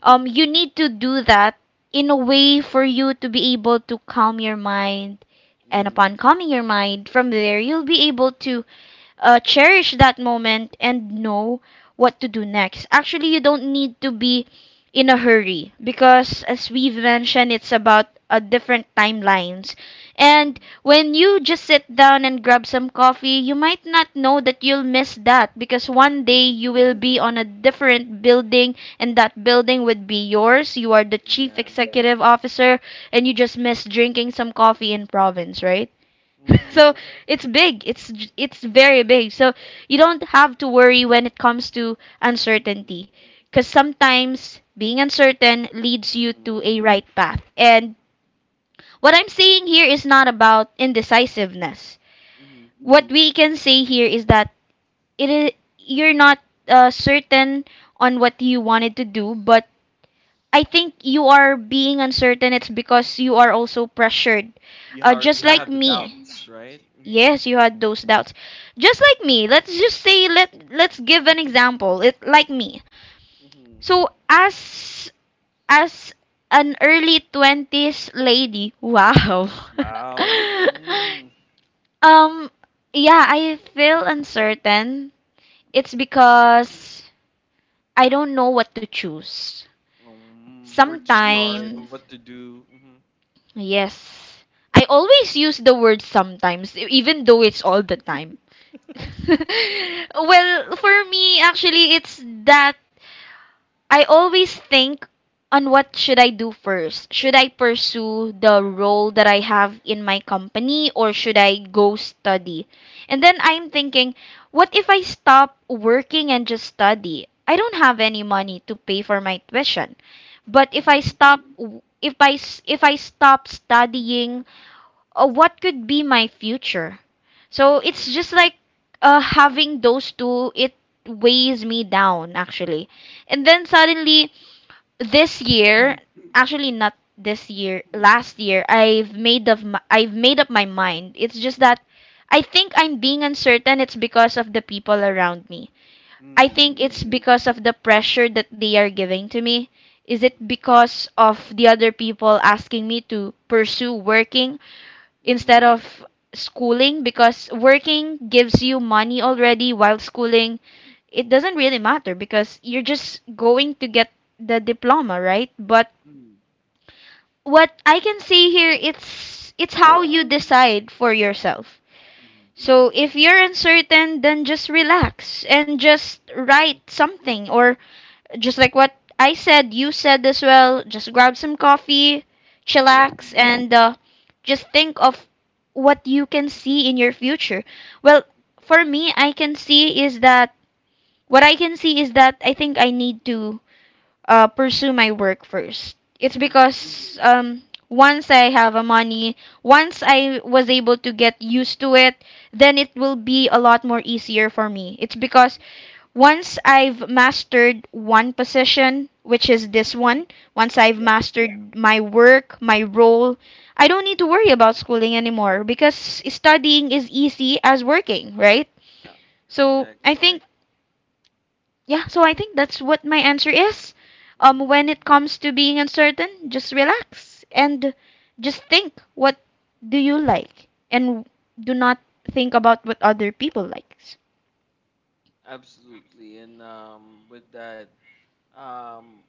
Speaker 2: You need to do that in a way for you to be able to calm your mind. And
Speaker 1: Mm.
Speaker 2: upon calming your mind, from there, you'll be able to cherish that moment and know what to do next. Actually, you don't need to be in a hurry because, as
Speaker 1: Mhm.
Speaker 2: we've mentioned, it's about different timelines. And
Speaker 1: Mhm.
Speaker 2: when you just sit down and grab some coffee, you might not know that you'll miss that because one day
Speaker 1: Mhm.
Speaker 2: you will be on a different building and that building would be yours. You are the chief
Speaker 1: Yeah.
Speaker 2: executive officer and you just miss drinking some coffee in province, right? *laughs*
Speaker 1: Mhm.
Speaker 2: So it's big. It's very big. So you don't have to worry when it comes to
Speaker 1: Mhm.
Speaker 2: uncertainty, because sometimes being uncertain leads you
Speaker 1: Mhm.
Speaker 2: to a right path. And what I'm saying here is not about indecisiveness.
Speaker 1: Mhm.
Speaker 2: What we can say here is that it is, you're not certain on what you wanted to do, but I think you are being uncertain. It's because you are also pressured.
Speaker 1: You
Speaker 2: Just like
Speaker 1: have the
Speaker 2: me.
Speaker 1: doubts, right? Mhm.
Speaker 2: Yes, you had those doubts. Just like me. Let's just say let let's give an example. It like me.
Speaker 1: Mhm.
Speaker 2: So as an early 20s lady, wow. *laughs*
Speaker 1: Wow. Mm.
Speaker 2: um yeah, I feel uncertain. It's because I don't know what to choose.
Speaker 1: Where to start?
Speaker 2: Sometimes.
Speaker 1: What to do? Mhm.
Speaker 2: Yes, I
Speaker 1: Mhm.
Speaker 2: always use the word sometimes, even though it's all the time. *laughs* Well, for me, actually, it's that I always think on what should I do first. Should I pursue the
Speaker 1: Yeah.
Speaker 2: role that I have in my company or should I go study? And then I'm thinking, what if I stop working and just study? I don't have any money to pay for my tuition. But if I
Speaker 1: Mhm.
Speaker 2: stop, if I stop studying, what could be my future. So it's
Speaker 1: Yeah.
Speaker 2: just like, having those two, it weighs me down actually. And then suddenly this year, actually not this year,
Speaker 1: Mhm.
Speaker 2: last year, I've made up my mind. It's just that I think I'm being uncertain. It's because of the people around me. I think it's
Speaker 1: Mm.
Speaker 2: because of the pressure that they are giving to me. Is it
Speaker 1: Mhm.
Speaker 2: because of the other people asking me to pursue working instead
Speaker 1: Mhm.
Speaker 2: of schooling, because working gives you money already, while schooling, it doesn't really matter because you're just going to get the diploma, right? But
Speaker 1: Mhm.
Speaker 2: what I can see here, it's how you decide for yourself.
Speaker 1: Mhm.
Speaker 2: So if you're uncertain, then just relax and just write
Speaker 1: Mhm.
Speaker 2: something, or just like what I said, you said as well, just grab some coffee,
Speaker 1: Yeah.
Speaker 2: chillax, and just think of what you can see in your future. Well, for me, I can see is that, what I can see is that, I think I need to pursue my work first. It's
Speaker 1: Mhm.
Speaker 2: because once I have a money, once I was able to get used to it, then it will be a lot more easier for me. It's because once I've mastered one position, which
Speaker 1: Mhm.
Speaker 2: is this one, once I've
Speaker 1: Yeah.
Speaker 2: mastered my work, my role, I don't need to worry about schooling anymore because studying is easy as working, right?
Speaker 1: Yeah.
Speaker 2: So
Speaker 1: Exactly.
Speaker 2: I think, yeah, so I think that's what my answer is.
Speaker 1: Mhm.
Speaker 2: When it comes to being uncertain, just relax and just think what do you like, and do not think about what other people likes.
Speaker 1: Absolutely. And with that, um,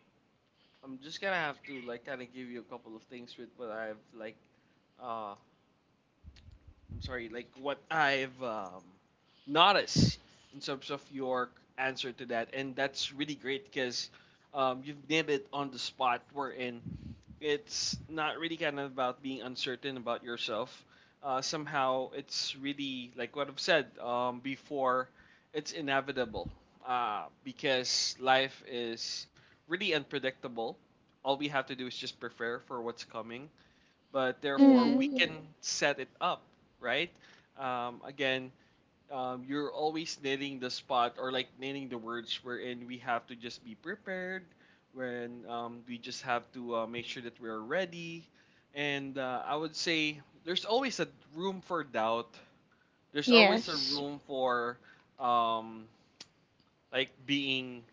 Speaker 1: I'm just gonna have to like kind of give you a couple of things with what I've like, uh, I'm sorry, like what I've noticed in terms of your answer to that, and that's really great because you've nailed it on the spot. We're in it's not really kind of about being uncertain about yourself. Somehow, it's really like what I've said before. It's inevitable because life is really unpredictable. All we have to do is just prepare for what's coming, but therefore we
Speaker 2: Mm,
Speaker 1: can set it up, right? Again, you're always nailing the spot or like nailing the words wherein we have to just be prepared when we just have to make sure that we're ready and I would say there's always a room for doubt there's always a
Speaker 2: yes,
Speaker 1: room for um, like being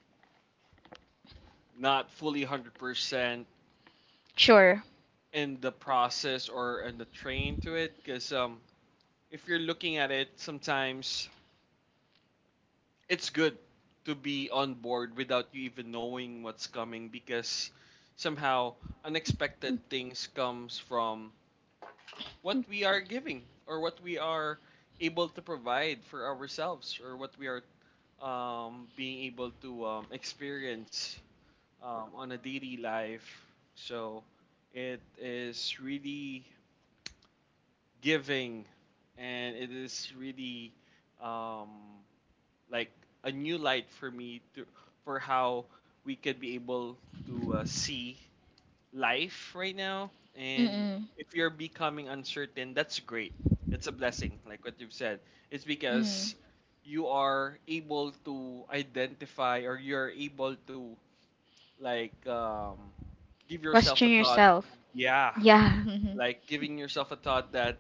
Speaker 1: not fully 100%
Speaker 2: sure.
Speaker 1: in the process or in the train to it because if you're looking at it sometimes it's good to be on board without you even knowing what's coming because somehow unexpected things comes from what we are giving or what we are able to provide for ourselves or what we are being able to experience on a daily life so it is really giving and it is really um, like a new light for me to for how we could be able to see life right now and
Speaker 2: Mm-mm.
Speaker 1: if you're becoming uncertain that's great that's a blessing like what you've said it's
Speaker 2: Mm.
Speaker 1: because you are able to identify or you're able to like give yourself a
Speaker 2: Question
Speaker 1: thought
Speaker 2: yourself.
Speaker 1: yeah
Speaker 2: Yeah. *laughs*
Speaker 1: like giving yourself a thought that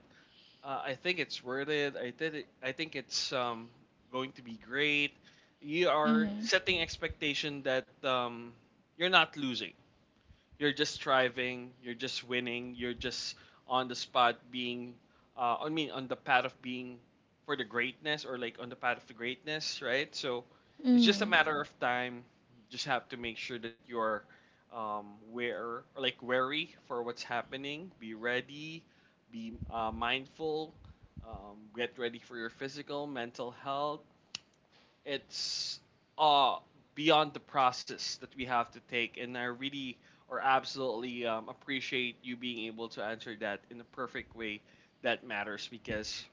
Speaker 1: I think it's worth it. I did it. I think it's going to be great. You are
Speaker 2: Mm-hmm.
Speaker 1: setting expectation that you're not losing you're just striving, you're just winning, you're just on the spot being I mean on the path of being for the greatness or like on the path of the greatness, right? So it's
Speaker 2: Mm-hmm.
Speaker 1: just a
Speaker 2: Mm-hmm.
Speaker 1: matter of time. Just have to make sure that you're where or like wary for what's happening. Be ready. Be mindful. Get ready for your physical, mental health, it's uh beyond the process that we have to take. And I really or absolutely appreciate you being able to answer that in a perfect way that matters, because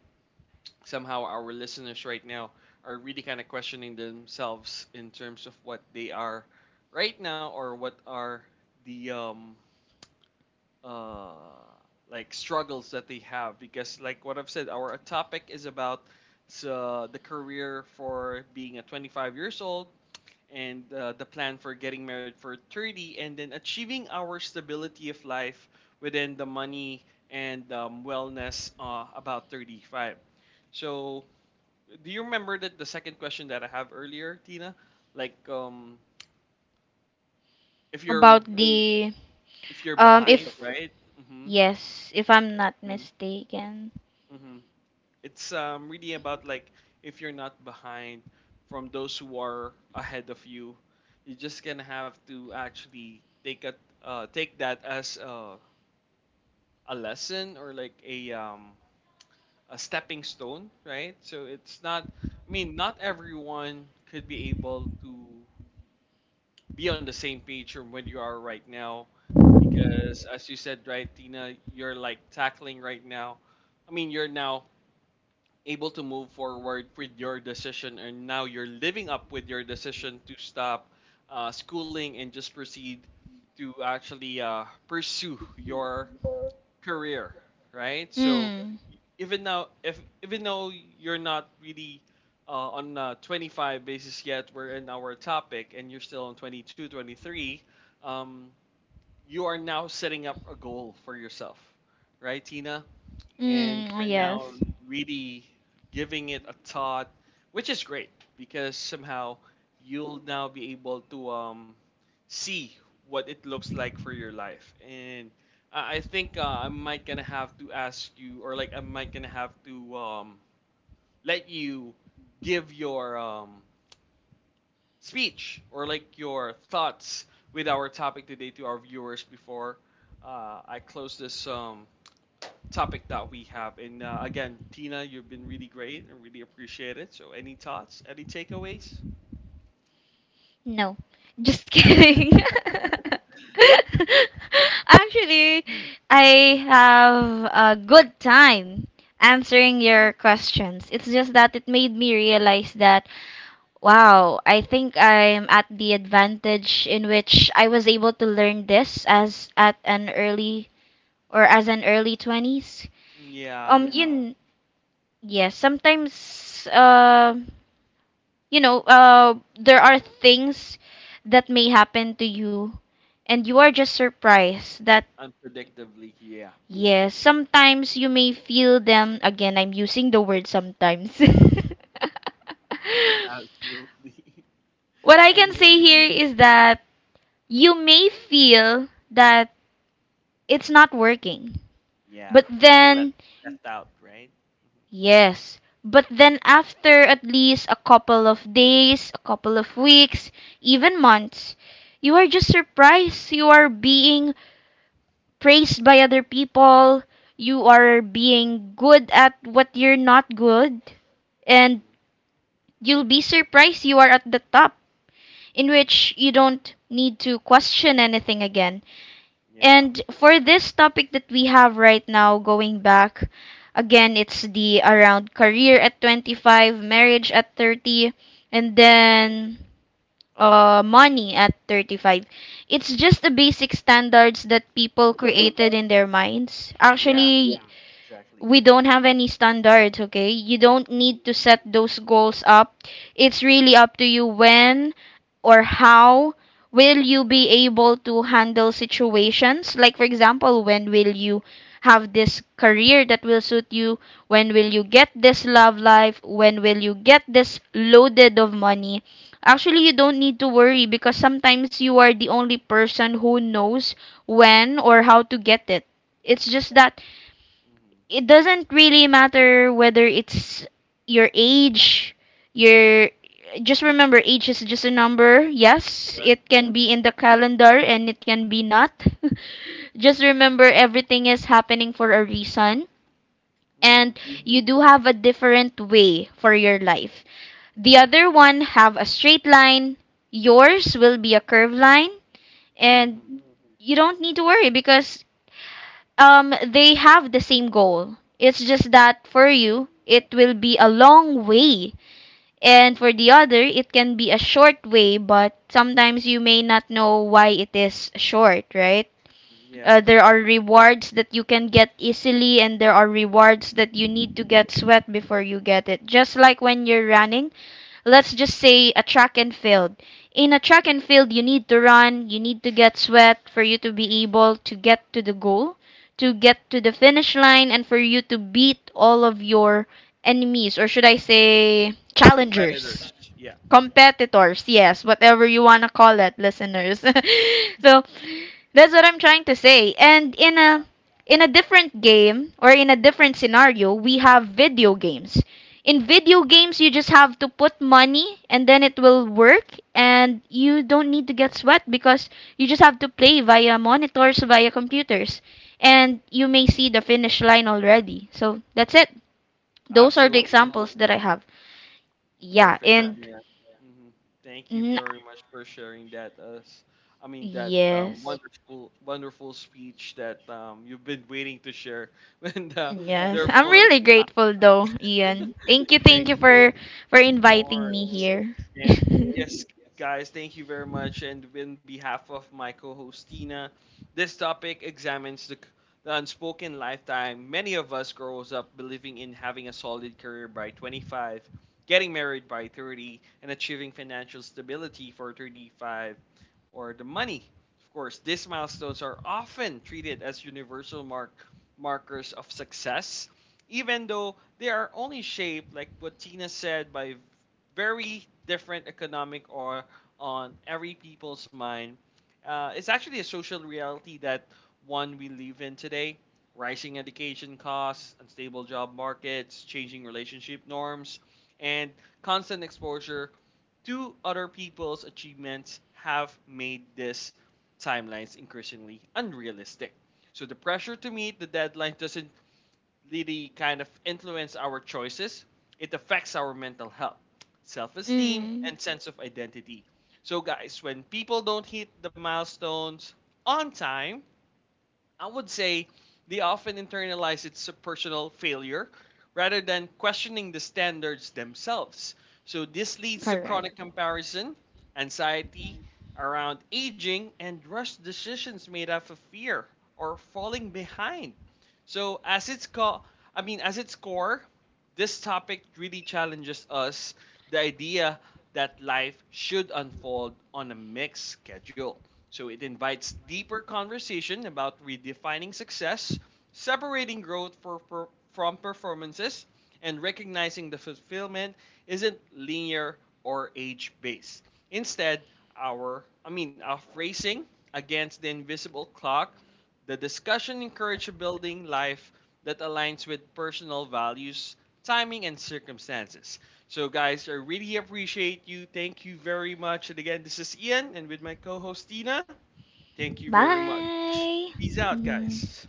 Speaker 1: somehow our listeners right now are really kind of questioning themselves in terms of what they are right now, or what are the uh struggles that they have. Because like what I've said, our topic is about, so the career for being a 25 years old, and the plan for getting married for 30, and then achieving our stability of life within the money, and wellness about 35. So do you remember that the second question that I have earlier, Tina, like if you're
Speaker 2: About the,
Speaker 1: if you're behind,
Speaker 2: if,
Speaker 1: right? Mm-hmm.
Speaker 2: yes, if I'm not
Speaker 1: Mm-hmm.
Speaker 2: mistaken.
Speaker 1: Mm-hmm. It's really about like if you're not behind from those who are ahead of you, you just gonna have to actually take a take that as a lesson, or like a a stepping stone, right? So it's not, I mean, not everyone could be able to be on the same page from when you are right now, because as you said, right, Tina, you're like tackling right now. I mean, you're now able to move forward with your decision, and now you're living up with your decision to stop schooling and just proceed to actually pursue your career, right? So
Speaker 2: Mm.
Speaker 1: even now, if even though you're not really uh, on 25 basis yet, we're in our topic, and you're still on 22, 23. Um, you are now setting up a goal for yourself, right, Tina? And
Speaker 2: Mm,
Speaker 1: you're now
Speaker 2: yes.
Speaker 1: really giving it a thought, which is great, because somehow you'll now be able to see what it looks like for your life. And I think I might gonna have to ask you, or like I might gonna have to let you give your speech, or like your thoughts with our topic today, to our viewers before I close this topic that we have. And again, Tina, you've been really great, and really appreciate it. So, any thoughts? Any takeaways?
Speaker 2: No. Just *laughs* kidding. Actually, I have a good time
Speaker 1: Mhm.
Speaker 2: answering your questions. It's just that it made me realize that, wow, I think I'm at the advantage in which I was able to learn this as at an early, or as an early 20s.
Speaker 1: Yeah,
Speaker 2: Um, you kn- yeah, sometimes, there are things that may happen to you and you are just surprised that,
Speaker 1: unpredictably. Yeah. Hmm,
Speaker 2: yes, sometimes you may feel them again. I'm using the word sometimes. *laughs*
Speaker 1: absolutely. *laughs*
Speaker 2: What I
Speaker 1: I
Speaker 2: can
Speaker 1: know what you
Speaker 2: say here
Speaker 1: mean.
Speaker 2: is that, you may feel that it's not working.
Speaker 1: Yeah,
Speaker 2: But
Speaker 1: you feel left
Speaker 2: then,
Speaker 1: left out, right?
Speaker 2: yes, but then after at least a couple of days, a couple of weeks, even months, you are just surprised. You are being praised by other people. You are being good at what you're not good. And
Speaker 1: Hmm.
Speaker 2: you'll be surprised, you are at the top, in
Speaker 1: Hmm.
Speaker 2: which you don't need to question anything again.
Speaker 1: Yeah.
Speaker 2: And for this topic that we have right now, going back, again, it's the around career at 25, marriage at 30, and
Speaker 1: Hmm.
Speaker 2: then money at 35. It's just the basic standards that people created in their minds.
Speaker 1: Yeah.
Speaker 2: Actually,
Speaker 1: Exactly.
Speaker 2: we don't have any standards, okay? You don't
Speaker 1: Hmm.
Speaker 2: need to set those goals up. It's really up to you when or how will you be able to handle situations. Like, for example, when will you have this career that will suit you? When will you get this love life? When will you get this loaded of money? Actually, you don't need to worry, because sometimes you are the only person who knows when or how to get it. It's just that
Speaker 1: Hmm.
Speaker 2: it doesn't really matter whether it's your age, your, just remember age is just a number. Yes,
Speaker 1: Correct.
Speaker 2: it can be in the calendar and it can be not. *laughs* Just remember everything is happening for a reason,
Speaker 1: Hmm.
Speaker 2: and you do have a different way for your life. The other one have a straight line, yours will be a curved line, and
Speaker 1: Hmm.
Speaker 2: you don't need to worry because they have the same goal. It's just that for
Speaker 1: Yeah.
Speaker 2: you it will be a long way, and for the other it can be a short way, but
Speaker 1: Hmm.
Speaker 2: sometimes you may not know why it is short, right?
Speaker 1: Yeah.
Speaker 2: There are rewards that you can get easily, and there are rewards that you need to get sweat before you get it. Just like when you're running, let's just say a track and field. In a track and field, you need to run, you need to get sweat for you to be able to get to the goal, to get to the finish line, and for you to beat all of your enemies, or should I say, challengers,
Speaker 1: Competitors. Yeah.
Speaker 2: competitors, yes, whatever you want to call it, listeners. *laughs* So that's what I'm trying to say. And in a,
Speaker 1: Yeah.
Speaker 2: in a different game or in a different scenario, we have video games. In video games, you just have to put money and then it will work, and you don't need to get sweat because you just have to play via monitors, via computers, and you may see the finish line already. So that's it, those are the
Speaker 1: Absolutely.
Speaker 2: examples that I have. Yeah.
Speaker 1: Perfect.
Speaker 2: And
Speaker 1: Yeah. Hmm. Thank you
Speaker 2: N-.
Speaker 1: very much for sharing that us. I mean that
Speaker 2: Yes.
Speaker 1: wonderful, wonderful speech that you've been waiting to share, *laughs* and
Speaker 2: Yes, I'm
Speaker 1: therefore,
Speaker 2: really
Speaker 1: uh,
Speaker 2: grateful though, Ian. Thank you
Speaker 1: thank
Speaker 2: for
Speaker 1: of
Speaker 2: inviting me
Speaker 1: course.
Speaker 2: here.
Speaker 1: And
Speaker 2: *laughs*
Speaker 1: yes, guys, thank you very much. And in behalf of my co-host Tina, this topic examines the unspoken lifetime many of us grows up believing in, having a solid career by 25, getting married by 30, and achieving financial stability for 35, or the money. Of course, these milestones are often treated as universal markers of success, even though they are only shaped, like what Tina said, by very different economic, or on every people's mind. It's actually a social reality that one we live in today. Rising education costs, unstable job markets, changing relationship norms, and constant exposure to other people's achievements have made these timelines increasingly unrealistic. So the pressure to meet the deadline doesn't really kind of influence our choices, it affects our mental health, self esteem,
Speaker 2: Mm,
Speaker 1: and sense of identity. So, guys, when people don't hit the milestones on time, I would say they often internalize it as a personal failure rather than questioning the standards themselves. So this leads to
Speaker 2: correct.
Speaker 1: chronic comparison, anxiety around aging, and rush decisions made out of fear or falling behind. So as its as its core, this topic really challenges us the idea that life should unfold on a mixed schedule. So it invites deeper conversation about redefining success, separating growth from performances, and recognizing the fulfillment isn't linear or age based. Instead, our I mean our phrasing against the invisible clock, the discussion encourages building life that aligns with personal values, timing and circumstances. So, guys, I really appreciate you. Thank you very much. And again, this is Ian, and with my co host Tina, thank you very much.
Speaker 2: Bye.
Speaker 1: Peace out,
Speaker 2: Mhm.
Speaker 1: guys.